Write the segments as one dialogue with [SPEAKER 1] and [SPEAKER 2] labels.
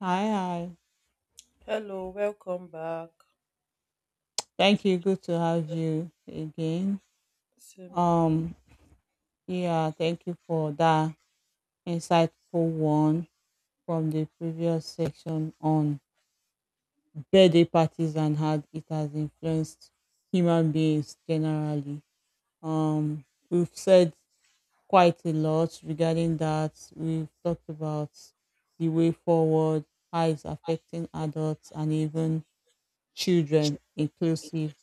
[SPEAKER 1] Hi, hi.
[SPEAKER 2] Hello, welcome back.
[SPEAKER 1] Thank you. Good to have you again.
[SPEAKER 2] Same here.
[SPEAKER 1] Um, yeah, thank you for that insightful one from the previous section on birthday parties and how it has influenced human beings generally. We've said quite a lot regarding that. We've talked about the way forward, how it's affecting adults and even children inclusive.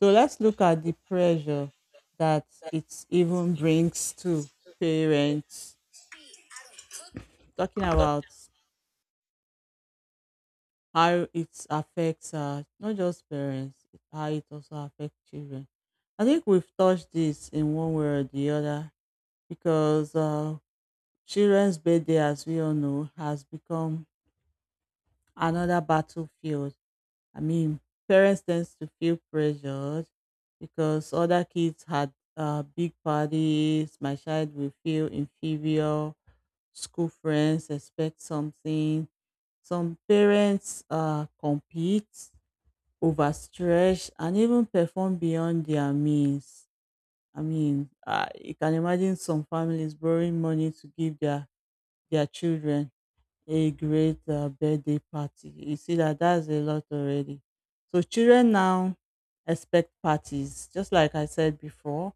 [SPEAKER 1] So let's look at the pressure that it even brings to parents. Talking about how it affects not just parents, how it also affects children. I think we've touched this in one way or the other because children's birthday, as we all know, has become another battlefield. I mean, parents tends to feel pressured because other kids had big parties. My child will feel inferior. School friends expect something. Some parents compete, overstretch, and even perform beyond their means. I mean, you can imagine some families borrowing money to give their children a great birthday party. You see that's a lot already. So children now expect parties. Just like I said before,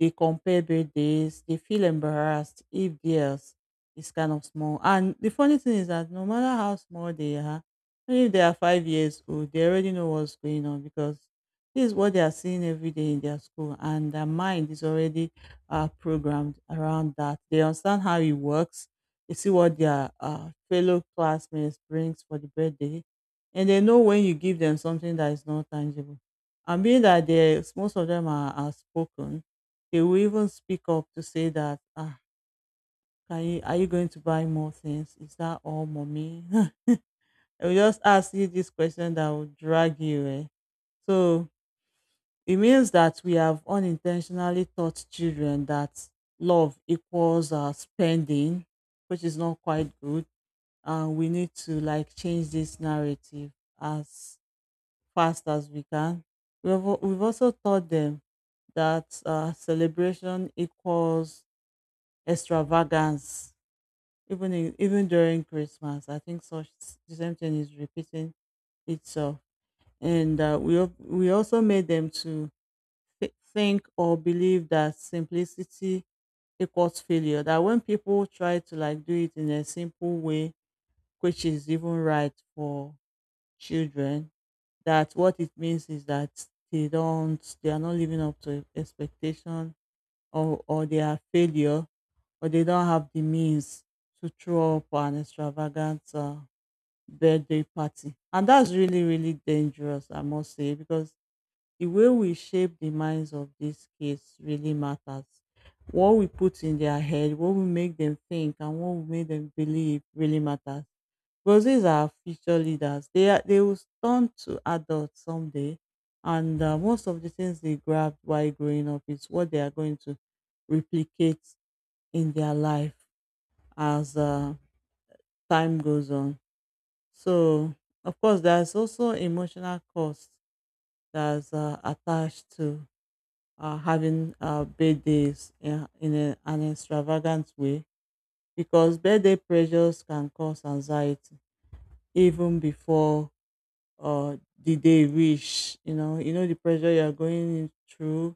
[SPEAKER 1] they compare birthdays. They feel embarrassed if theirs is kind of small. And the funny thing is that no matter how small they are, even if they are 5 years old, they already know what's going on because this is what they are seeing every day in their school, and their mind is already programmed around that. They understand how it works. They see what their fellow classmates brings for the birthday, and they know when you give them something that is not tangible. And being that there's most of them are spoken, they will even speak up to say that, ah, can you, are you going to buy more things? Is that all, mommy? I will just ask you this question that will drag you. Eh? So it means that we have unintentionally taught children that love equals spending, which is not quite good. We need to like change this narrative as fast as we can. We've also taught them that celebration equals extravagance, even during Christmas. I think such the same thing is repeating itself, and we also made them to think or believe that simplicity equals failure. That when people try to like do it in a simple way, which is even right for children, that what it means is that they are not living up to expectation, or they are failure, or they don't have the means to throw up an extravagant birthday party. And that's really really dangerous, I must say, because the way we shape the minds of these kids really matters. What we put in their head, what we make them think, and what we make them believe really matters, because these are future leaders. They will turn to adults someday, and most of the things they grabbed while growing up is what they are going to replicate in their life as time goes on. So, of course, there's also emotional cost that's attached to having birthdays an extravagant way, because birthday pressures can cause anxiety even before or did they wish? You know, you know the pressure you are going through,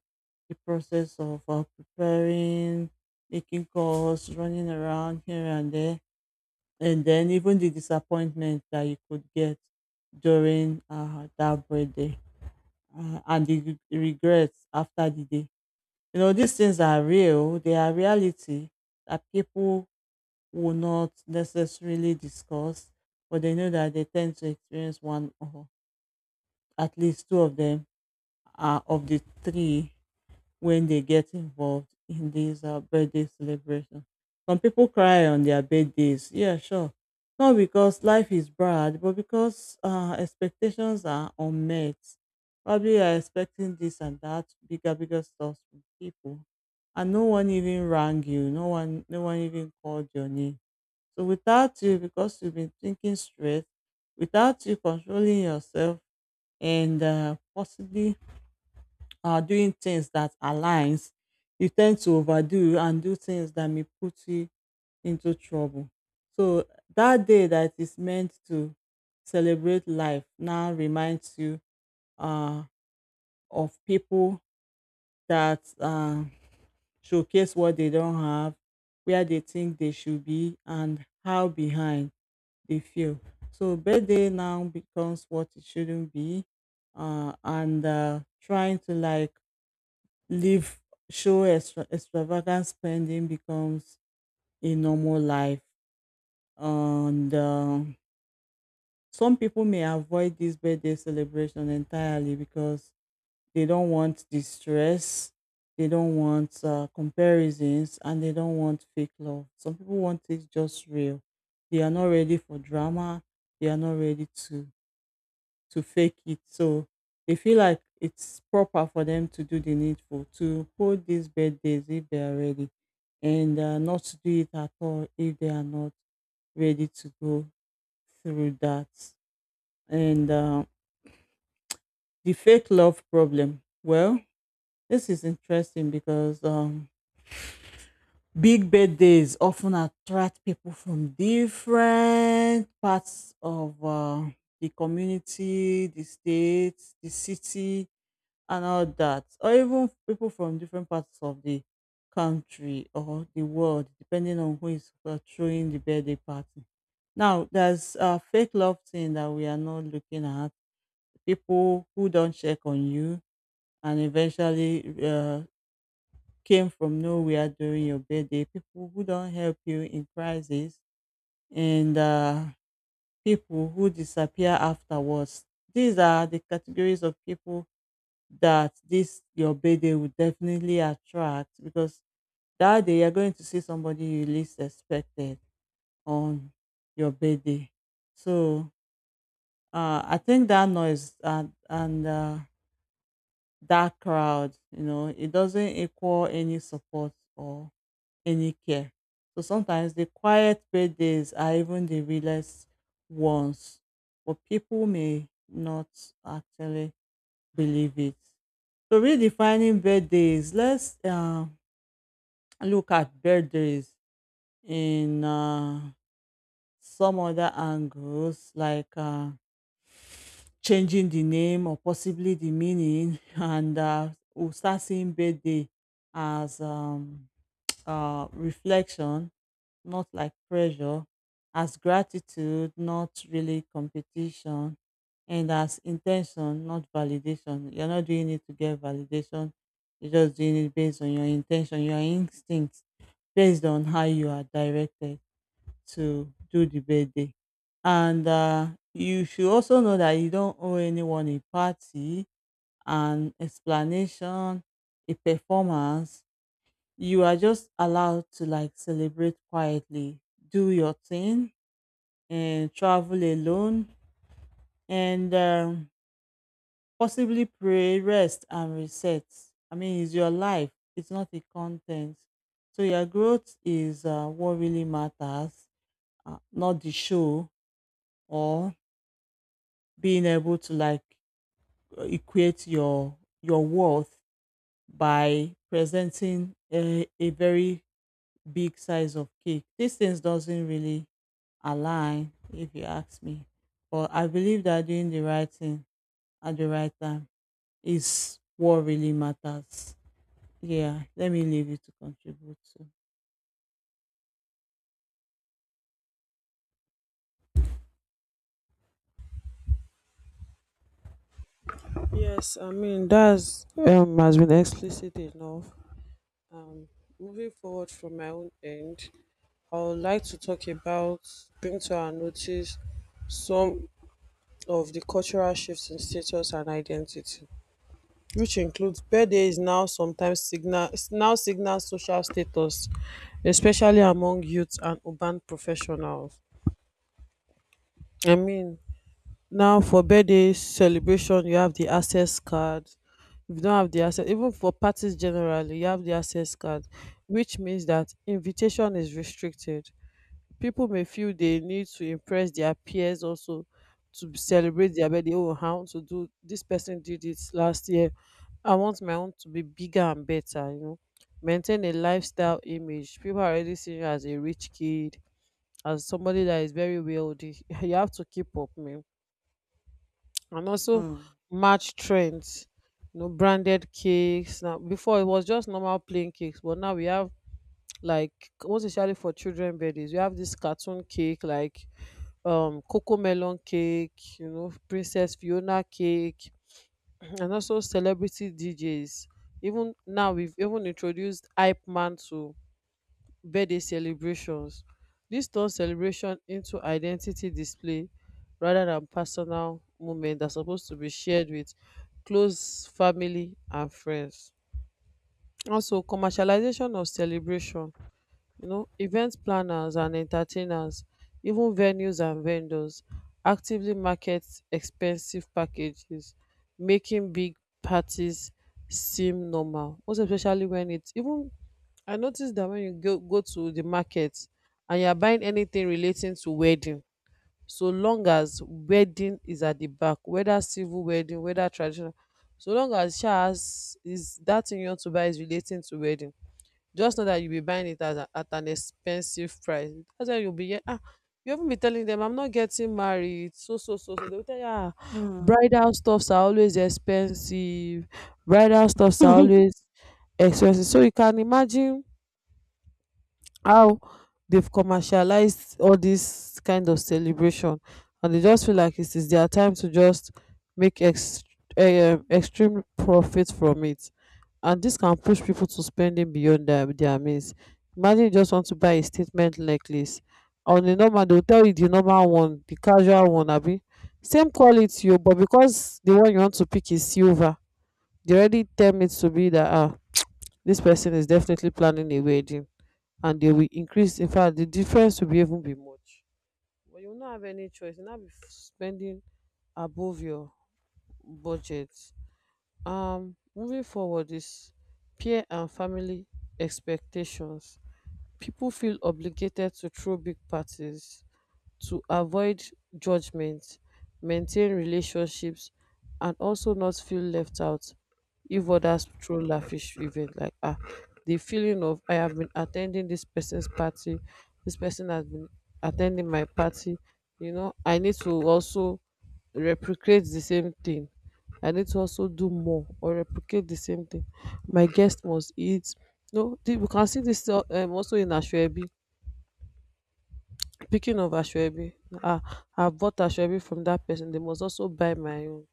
[SPEAKER 1] the process of preparing, making calls, running around here and there, and then even the disappointment that you could get during that birthday, and the regrets after the day. You know, these things are real, they are reality, that people will not necessarily discuss, but they know that they tend to experience one or at least two of them, of the three, when they get involved in these birthday celebration. Some people cry on their birthdays. Yeah, sure. Not because life is bad, but because expectations are unmet. Probably you are expecting this and that, bigger, bigger stuff from people. And no one even rang you. No one, no one even called your name. So without you, because you've been thinking straight, without you controlling yourself and possibly doing things that aligns, you tend to overdo and do things that may put you into trouble. So that day that is meant to celebrate life now reminds you uh, of people that showcase what they don't have, where they think they should be, and how behind they feel. So birthday now becomes what it shouldn't be, and trying to like live show extravagant spending becomes a normal life, and some people may avoid this birthday celebration entirely because they don't want the stress, they don't want comparisons, and they don't want fake love. Some people want it just real. They are not ready for drama, they are not ready to fake it. So they feel like it's proper for them to do the needful, to hold these birthdays if they are ready, and not to do it at all if they are not ready to go through that. And The fake love problem. Well, this is interesting because big birthdays often attract people from different parts of the community, the state, the city, and all that, or even people from different parts of the country or the world, depending on who is throwing the birthday party. Now, there's a fake love thing that we are not looking at. People who don't check on you and eventually came from nowhere during your birthday, people who don't help you in crisis, and people who disappear afterwards. These are the categories of people that this your birthday would definitely attract, because that day you're going to see somebody you least expected on your birthday. So I think that noise and that crowd, you know, it doesn't equal any support or any care. So sometimes the quiet birthdays are even the realest ones, but people may not actually believe it. So redefining birthdays. Let's look at birthdays in some other angles, like changing the name or possibly the meaning, and we'll start seeing birthday as reflection, not like pressure, as gratitude, not really competition, and as intention, not validation. You're not doing it to get validation. You're just doing it based on your intention, your instincts, based on how you are directed to do the birthday. And You should also know that you don't owe anyone a party, an explanation, a performance. You are just allowed to like celebrate quietly, do your thing, and travel alone, and possibly pray, rest, and reset. I mean, it's your life, it's not a content. So, your growth is what really matters, not the show or being able to like equate your worth by presenting a very big size of cake. These things doesn't really align if you ask me. But I believe that doing the right thing at the right time is what really matters. Yeah, let me leave you to contribute to.
[SPEAKER 2] Yes, I mean that's has been explicit enough. Um, Moving forward from my own end, I would like to talk about, bring to our notice, some of the cultural shifts in status and identity, which includes birthday is now sometimes signal now signal social status, especially among youths and urban professionals. I mean, now for birthday celebration, you have the access card. If you don't have the access, even for parties generally, you have the access card, which means that invitation is restricted. People may feel they need to impress their peers, also to celebrate their birthday. Oh, I want to do, this person did it last year. I want my own to be bigger and better. Maintain a lifestyle image. People are already seeing you as a rich kid, as somebody that is very wealthy. You have to keep up, man, and also
[SPEAKER 1] Hmm.
[SPEAKER 2] match trends. Branded cakes now. Before, it was just normal plain cakes, but now we have, like, most especially for children birthdays, we have this cartoon cake, like cocoa melon cake, princess fiona cake. And also celebrity DJs. Even now we've even introduced hype man to birthday celebrations. This turns celebration into identity display rather than personal moment that's supposed to be shared with close family and friends. Also, commercialization of celebration. Event planners and entertainers, even venues and vendors, actively market expensive packages, making big parties seem normal, most especially when it even, I noticed that when you go to the market and you are buying anything relating to wedding, so long as wedding is at the back, whether civil wedding, whether traditional, so long as sha has is that thing you want to buy is relating to wedding, just know that you'll be buying it at an expensive price. That's why you'll be here. You haven't be telling them, I'm not getting married, so, so, so, so. They'll tell you, ah,
[SPEAKER 1] Mm.
[SPEAKER 2] bridal stuffs are always expensive, bridal stuffs are always expensive. So you can imagine how they've commercialized all this kind of celebration, and they just feel like it is their time to just make extreme profit from it. And this can push people to spending beyond their means. Imagine you just want to buy a statement necklace. On a normal, they'll tell you the normal one, the casual one, abi, same quality o. But because the one you want to pick is silver, they already tell me to be that, ah, this person is definitely planning a wedding, and they will increase. In fact, the difference will be even be much. But you will not have any choice. You will not be spending above your budget. Moving forward is peer and family expectations. People feel obligated to throw big parties to avoid judgment, maintain relationships, and also not feel left out if others throw lavish event, like, the feeling of, I have been attending this person's party, this person has been attending my party. I need to also replicate the same thing. I need to also do more or replicate the same thing. My guest must eat, no, we can see this also in ashwebi. Speaking of Ashwebi, I've bought Ashwebi from that person. They must also buy my own,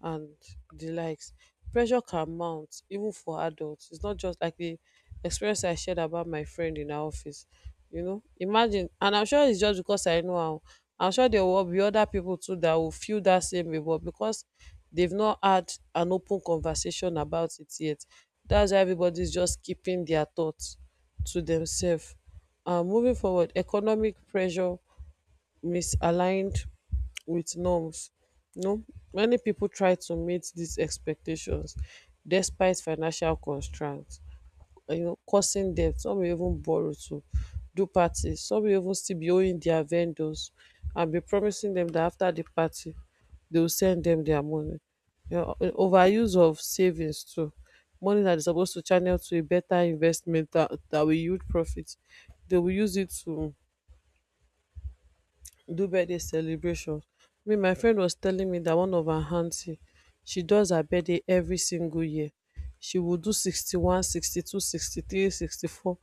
[SPEAKER 2] and the likes. Pressure can mount even for adults. It's not just like the experience I shared about my friend in our office. Imagine, and I'm sure it's just because I know how. I'm sure there will be other people too that will feel that same way, but because they've not had an open conversation about it yet, that's why everybody's just keeping their thoughts to themselves. Moving forward, economic pressure misaligned with norms. You know, Many people try to meet these expectations despite financial constraints, causing debt. Some will even borrow to do parties. Some will even still be owing their vendors and be promising them that after the party, they will send them their money. Overuse of savings too. Money that is supposed to channel to a better investment, that, that will yield profit. They will use it to do birthday celebration. Me, my friend was telling me that one of her aunty, she does her birthday every single year. She will do 61, 62, 63, 64.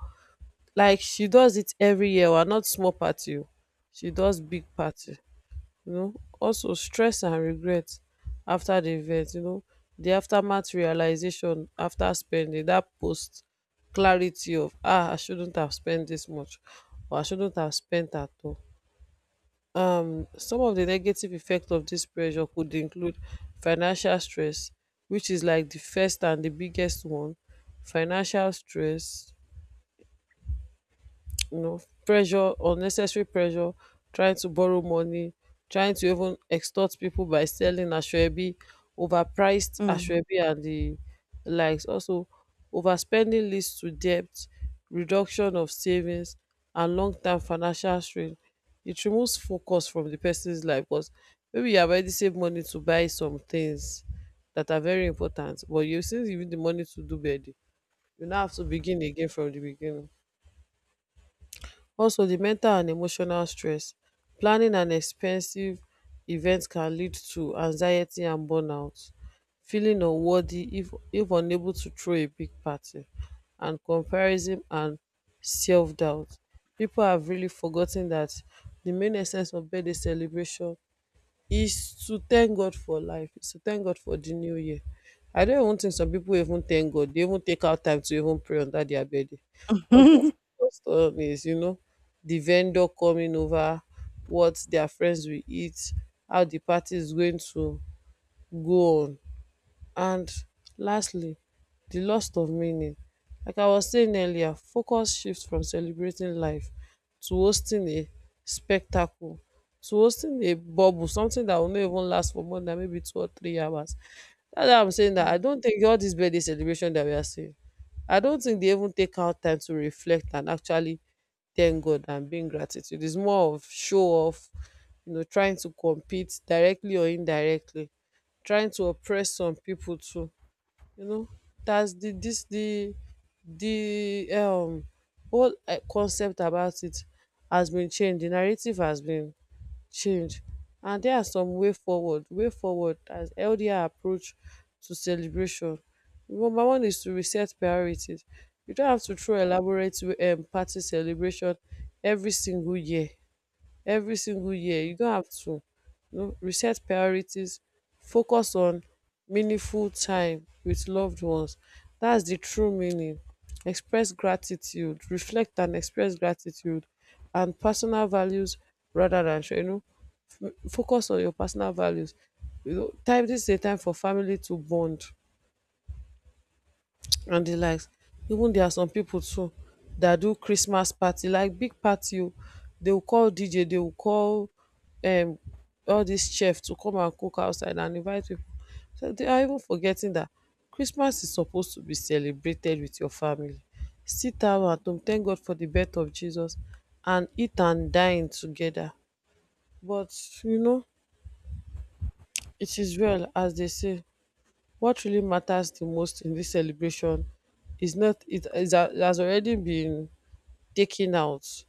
[SPEAKER 2] Like she does it every year, well, not small party. Oh. She does big party, you know. Also, stress and regret after the event, the aftermath realization after spending, that post clarity of, ah, I shouldn't have spent this much, or I shouldn't have spent at all. Some of the negative effects of this pressure could include financial stress, which is like the first and the biggest one. Financial stress, you know pressure, unnecessary pressure, trying to borrow money, trying to even extort people by selling asoebi, overpriced
[SPEAKER 1] Hmm.
[SPEAKER 2] asoebi and the likes. Also, overspending leads to debt, reduction of savings, and long term financial strain. It removes focus from the person's life, because maybe you have already saved money to buy some things that are very important, but you, since you need the money to do birthday, you now have to begin again from the beginning. Also, the mental and emotional stress. Planning an expensive event can lead to anxiety and burnout, feeling unworthy if unable to throw a big party, and comparison and self doubt. People have really forgotten that the main essence of birthday celebration is to thank God for life, is to thank God for the new year. I don't even think some people even thank God. They even take out time to even pray under their bed. What they are focused on is, the vendor coming over, what their friends will eat, how the party is going to go on. And lastly, the loss of meaning. Like I was saying earlier, focus shifts from celebrating life to hosting a spectacle, to hosting a bubble, something that will not even last for more than maybe 2 or 3 hours. That's why I'm saying that I
[SPEAKER 1] Mm.
[SPEAKER 2] don't think all this birthday celebration that we are seeing, I don't think they even take out time to reflect and actually thank God and being gratitude. It's more of show off, trying to compete directly or indirectly, trying to oppress some people too. You know, that's the this the whole eh, concept about it has been changed. The narrative has been changed, and there are some way forward. Way forward as LDR approach to celebration. Number one is to reset priorities. You don't have to throw elaborate party celebration every single year. You don't have to, reset priorities, focus on meaningful time with loved ones. That's the true meaning. Express gratitude, reflect and express gratitude and personal values, rather than focus on your personal values. You know, time This is a time for family to bond, and the likes. Even there are some pipu too that do Christmas party, like big party oh. They will call DJ, they will call um all these chef to come and cook outside and invite pipu. So they are even forgetting that Christmas is supposed to be celebrated with your family. Sit down at home, thank God for the birth of Jesus, and eat and dine together. But you know it is well as they say. What really matters the most in this celebration is not, has already been taken out.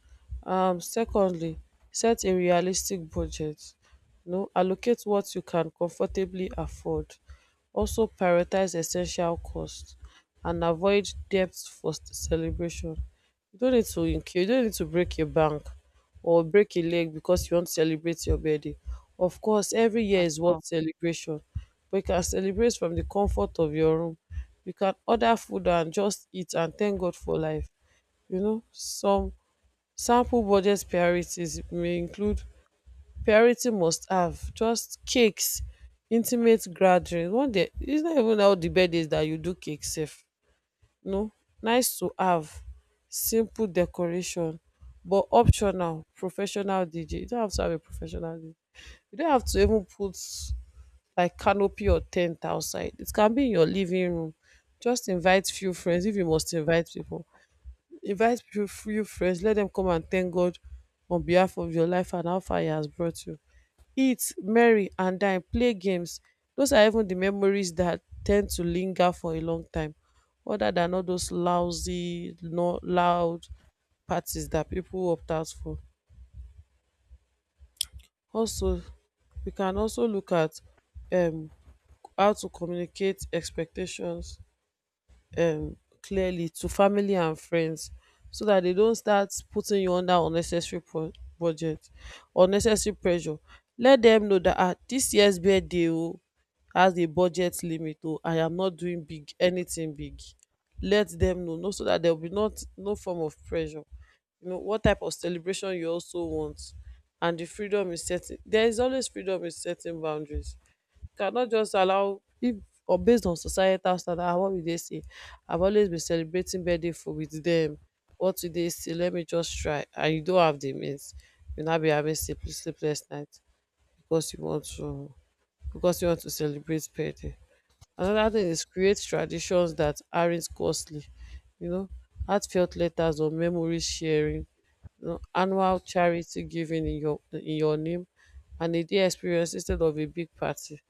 [SPEAKER 2] Secondly, set a realistic budget, allocate what you can comfortably afford, also prioritise essential cost and avoid debt for celebration. You no need to break a bank or break a leg because you want to celebrate your birthday. Of course every year
[SPEAKER 1] At
[SPEAKER 2] is worth
[SPEAKER 1] all.
[SPEAKER 2] celebration, but you can celebrate from the comfort of your room. You can order food and just eat and thank God for life. Some sample budget priorities may include: priority must have, just cakes, intimate gathering. One day it's not even how the bed is that you do cake Safe, no. Nice to have, simple decoration, but optional, professional DJ. You don't have to have a professional DJ. You don't have to even put like canopy or tent outside. It can be in your living room. Just invite few friends. If you must invite people, invite few friends, let them come and thank God on behalf of your life and how far He has brought you. Eat, merry, and dine, play games. Those are even the memories that tend to linger for a long time, other than all those lousy, no loud parties that people opt out for. Also, we can also look at um how to communicate expectations um clearly to family and friends so that they don't start putting you under unnecessary budget or unnecessary pressure. Let them know that ah, this year's birthday o has a budget limit o, I am not doing big anything big. Let them know so that there will be not no form of pressure. You know what type of celebration you also want. And there is always freedom in setting boundaries. Cannot just allow, if or based on societal standard, ah what we dey say I've always been celebrating birthday food with dem, what you dey see let me just try. And you don't have the means, you now be having sleepless night because you want to, celebrate birthday. Another thing is create traditions that aren't costly, you know, heartfelt letters or memory sharing, know, annual charity giving in your name, and a day experience instead of a big party.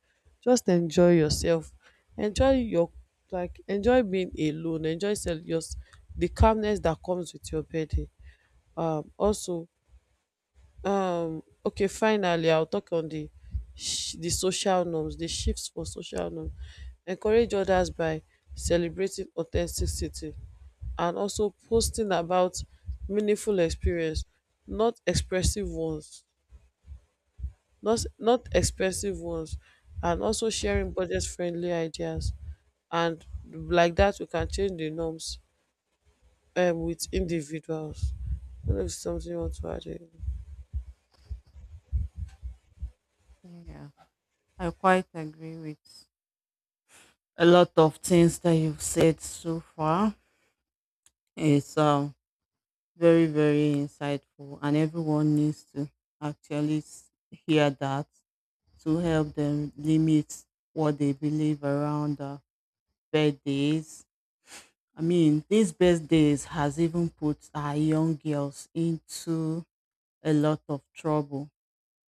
[SPEAKER 2] Just enjoy yourself. Enjoy your, like enjoy being alone. Enjoy yourself, the calmness that comes with your birthday. Um also okay, finally, I'll talk on the the social norms, the shifts for social norms. Encourage others by celebrating authenticity and also posting about meaningful experience, not expressive ones, not expensive ones, and also sharing budget-friendly ideas. And like that, we can change the norms with individuals. I don't know if something you want to add in.
[SPEAKER 1] Yeah. I quite agree with a lot of things that you've said so far. It's very, very insightful, and everyone needs to actually hear that to help them limit what they believe around birthdays. I mean, these birthdays has even put our young girls into a lot of trouble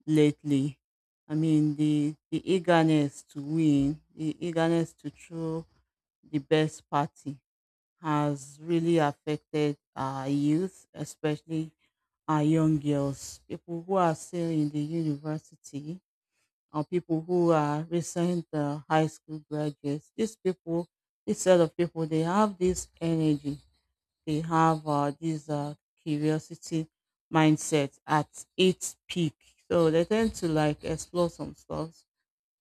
[SPEAKER 1] lately. I mean, the eagerness to win, the eagerness to throw the best party has really affected our youth, especially our young girls, people who are still in the university or people who are recent high school graduates. These people, this set of people, they have this energy, they have this curiosity mindset at its peak. So they tend to like explore some stuff.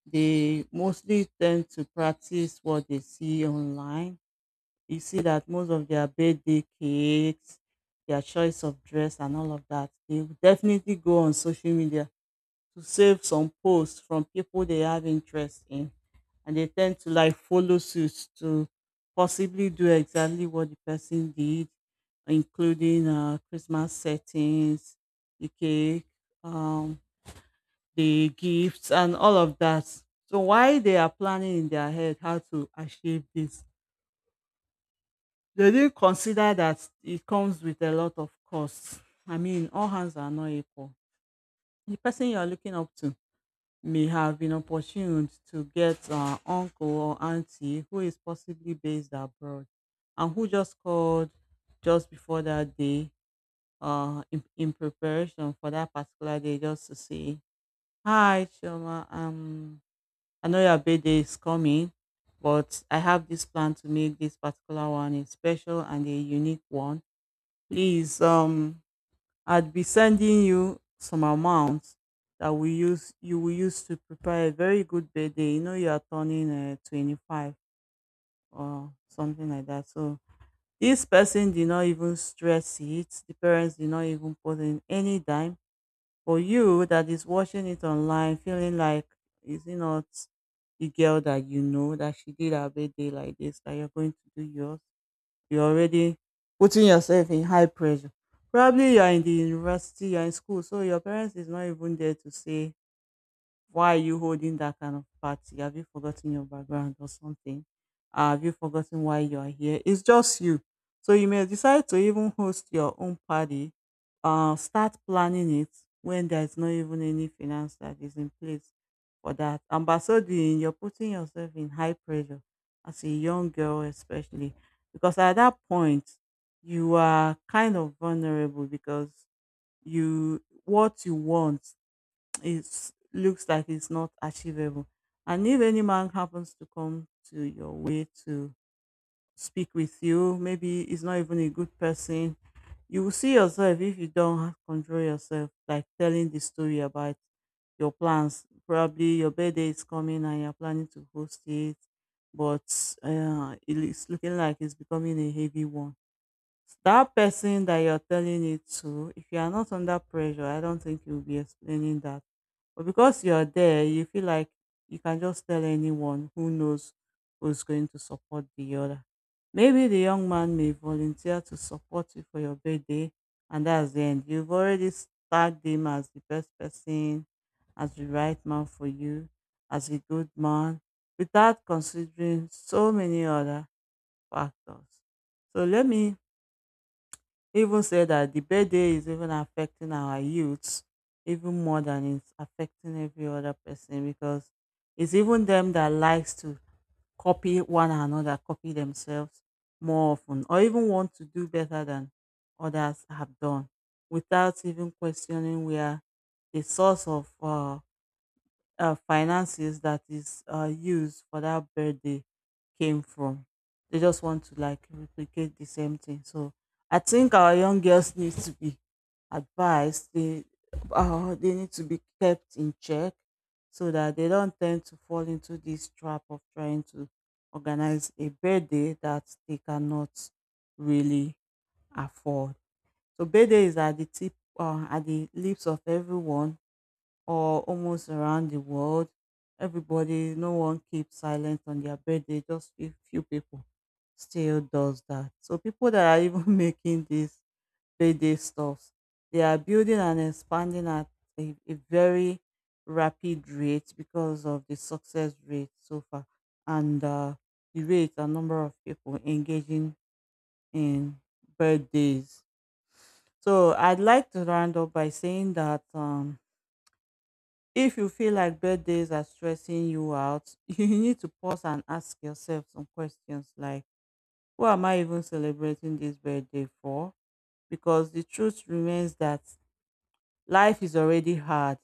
[SPEAKER 1] They mostly tend to practice what they see online. You see that most of their birthday cakes, their choice of dress, and all of that, they will definitely go on social media to save some posts from people they have interest in, and they tend to like follow suits to possibly do exactly what the person did, including Christmas settings, the cake, um, the gifts, and all of that. So why they are planning in their head how to achieve this, they didn't consider that it comes with a lot of costs. I mean, all hands are not equal. The person you are looking up to may have been opportuned to get uncle or auntie who is possibly based abroad and who just called just before that day in preparation for that particular day, just to say, "Hi, Shoma, I know your birthday is coming, but I have this plan to make this particular one a special and a unique one. Please, I'd be sending you some amount that we use you will use to prepare a very good birthday. You know you are turning 25 or something like that. So this person did not even stress it. The parents did not even put in any dime. For you that is watching it online, feeling like is it not the girl that you know that she did her birthday like this that you're going to do yours? You're already putting yourself in high pressure. Probably you're in the university, you're in school, so your parents is not even there to say why are you holding that kind of party? Have you forgotten your background or something? Have you forgotten why you are here? It's just you. So you may decide to even host your own party. Start planning it when there's not even any finance that is in place for that. And by so doing, you're putting yourself in high pressure as a young girl, especially because at that point, you are kind of vulnerable because you what you want it looks like it's not achievable. And if any man happens to come to your way to speak with you, maybe he's not even a good person, you will see yourself if you don't control yourself, like telling the story about your plans. Probably your birthday is coming and you're planning to host it, but it's looking like it's becoming a heavy one that person that you're telling it to, if you are not under pressure, I don't think you'll be explaining that. But because you're there, you feel like you can just tell anyone who knows who's going to support the other. Maybe the young man may volunteer to support you for your birthday, and that's the end. You've already tagged him as the best person, as the right man for you, as a good man, without considering so many other factors. So let me even said that the birthday is even affecting our youths even more than it's affecting every other person because it's even them that likes to copy one another, copy themselves more often, or even want to do better than others have done without even questioning where the source of finances that is used for that birthday came from. They just want to like replicate the same thing. So I think our young girls need to be advised. They need to be kept in check so that they don't tend to fall into this trap of trying to organize a birthday that they cannot really afford. So birthday is at the lips of everyone or almost around the world. Everybody, no one keeps silent on their birthday, just a few people still does that. So people that are even making these birthday stuffs, they are building and expanding at a very rapid rate because of the success rate so far and the rate and number of people engaging in birthdays. So I'd like to round up by saying that if you feel like birthdays are stressing you out, you need to pause and ask yourself some questions like, who am I even celebrating this birthday for? Because the truth remains that life is already hard,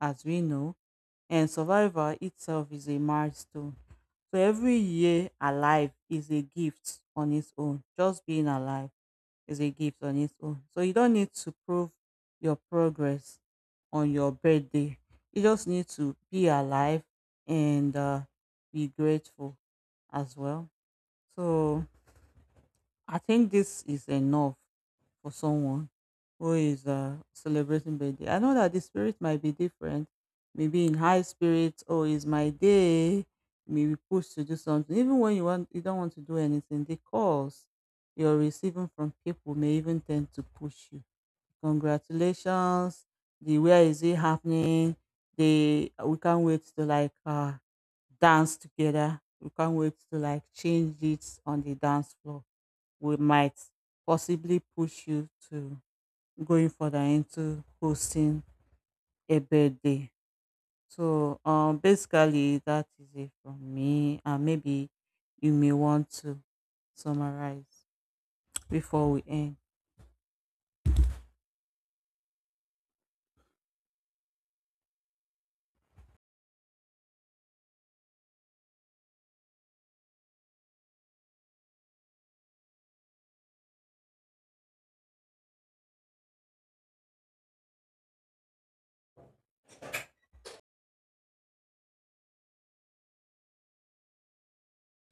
[SPEAKER 1] as we know, and survival itself is a milestone. So every year alive is a gift on its own, just being alive is a gift on its own. So you don't need to prove your progress on your birthday. You just need to be alive and be grateful as well. So I think this is enough for someone who is celebrating birthday. I know that the spirit might be different, maybe in high spirits, or is my day, maybe pushed to do something. Even when you want, you don't want to do anything, the calls you're receiving from people may even tend to push you. Congratulations, the where is it happening? They we can't wait to like dance together. We can't wait to like change it on the dance floor. We might possibly push you to going further into hosting a birthday. So basically that is it from me and maybe you may want to summarize before we end.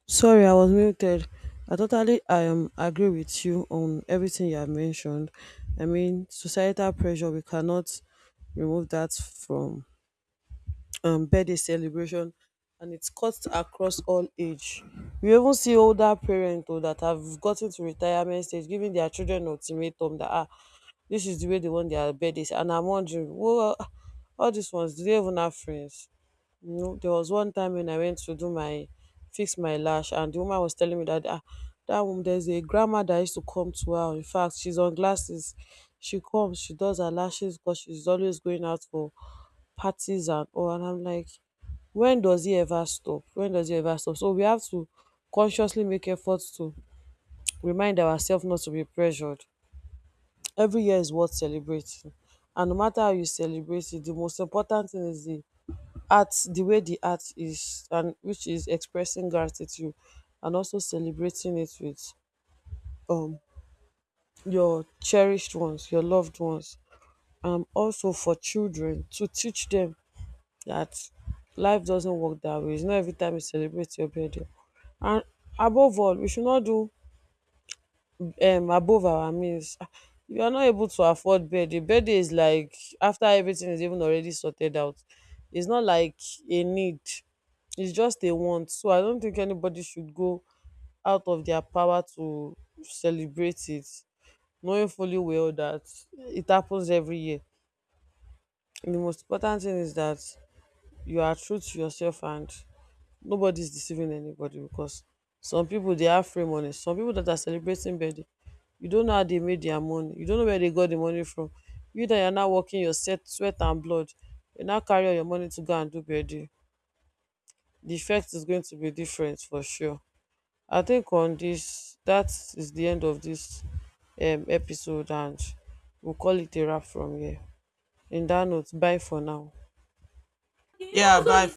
[SPEAKER 2] Sorry, I was muted. I totally agree with you on everything you have mentioned. I mean, societal pressure, we cannot remove that from birthday celebration, and it's cuts across all age. We even see older parents though that have gotten to retirement stage giving their children ultimatum that, ah, this is the way they want their birthdays, and I'm wondering, well, all these ones do they even have friends? You know, there was one time when I went to do my fix my lash, and the woman was telling me that ah, that woman, there's a grandma that used to come to her. In fact, she's on glasses. She comes, she does her lashes because she's always going out for parties and all. And I'm like, when does he ever stop? When does he ever stop? So we have to consciously make efforts to remind ourselves not to be pressured. Every year is worth celebrating. And no matter how you celebrate it, the most important thing is the way the art is, and which is expressing gratitude and also celebrating it with um your cherished ones, your loved ones. Um, also for children, to teach them that life doesn't work that way. It's not every time you celebrate your birthday. And above all, we should not do above our means, ah, if you are not able to afford birthday, birthday is like after everything is even already sorted out. It's not like a need, it's just a want. So I don't think anybody should go out of their power to celebrate it, knowing fully well that it happens every year. The most important thing is that you are true to yourself and nobody's deceiving anybody, because some people they have free money. Some people that are celebrating birthday, you don't know how they made their money. You don't know where they got the money from. You that you're now working your set, sweat and blood, you now carry all your money to go and do birthday. The effect is going to be different for sure. I think on this, that is the end of this episode, and we'll call it a wrap from here. In that note, bye for now.
[SPEAKER 1] Yeah, so bye.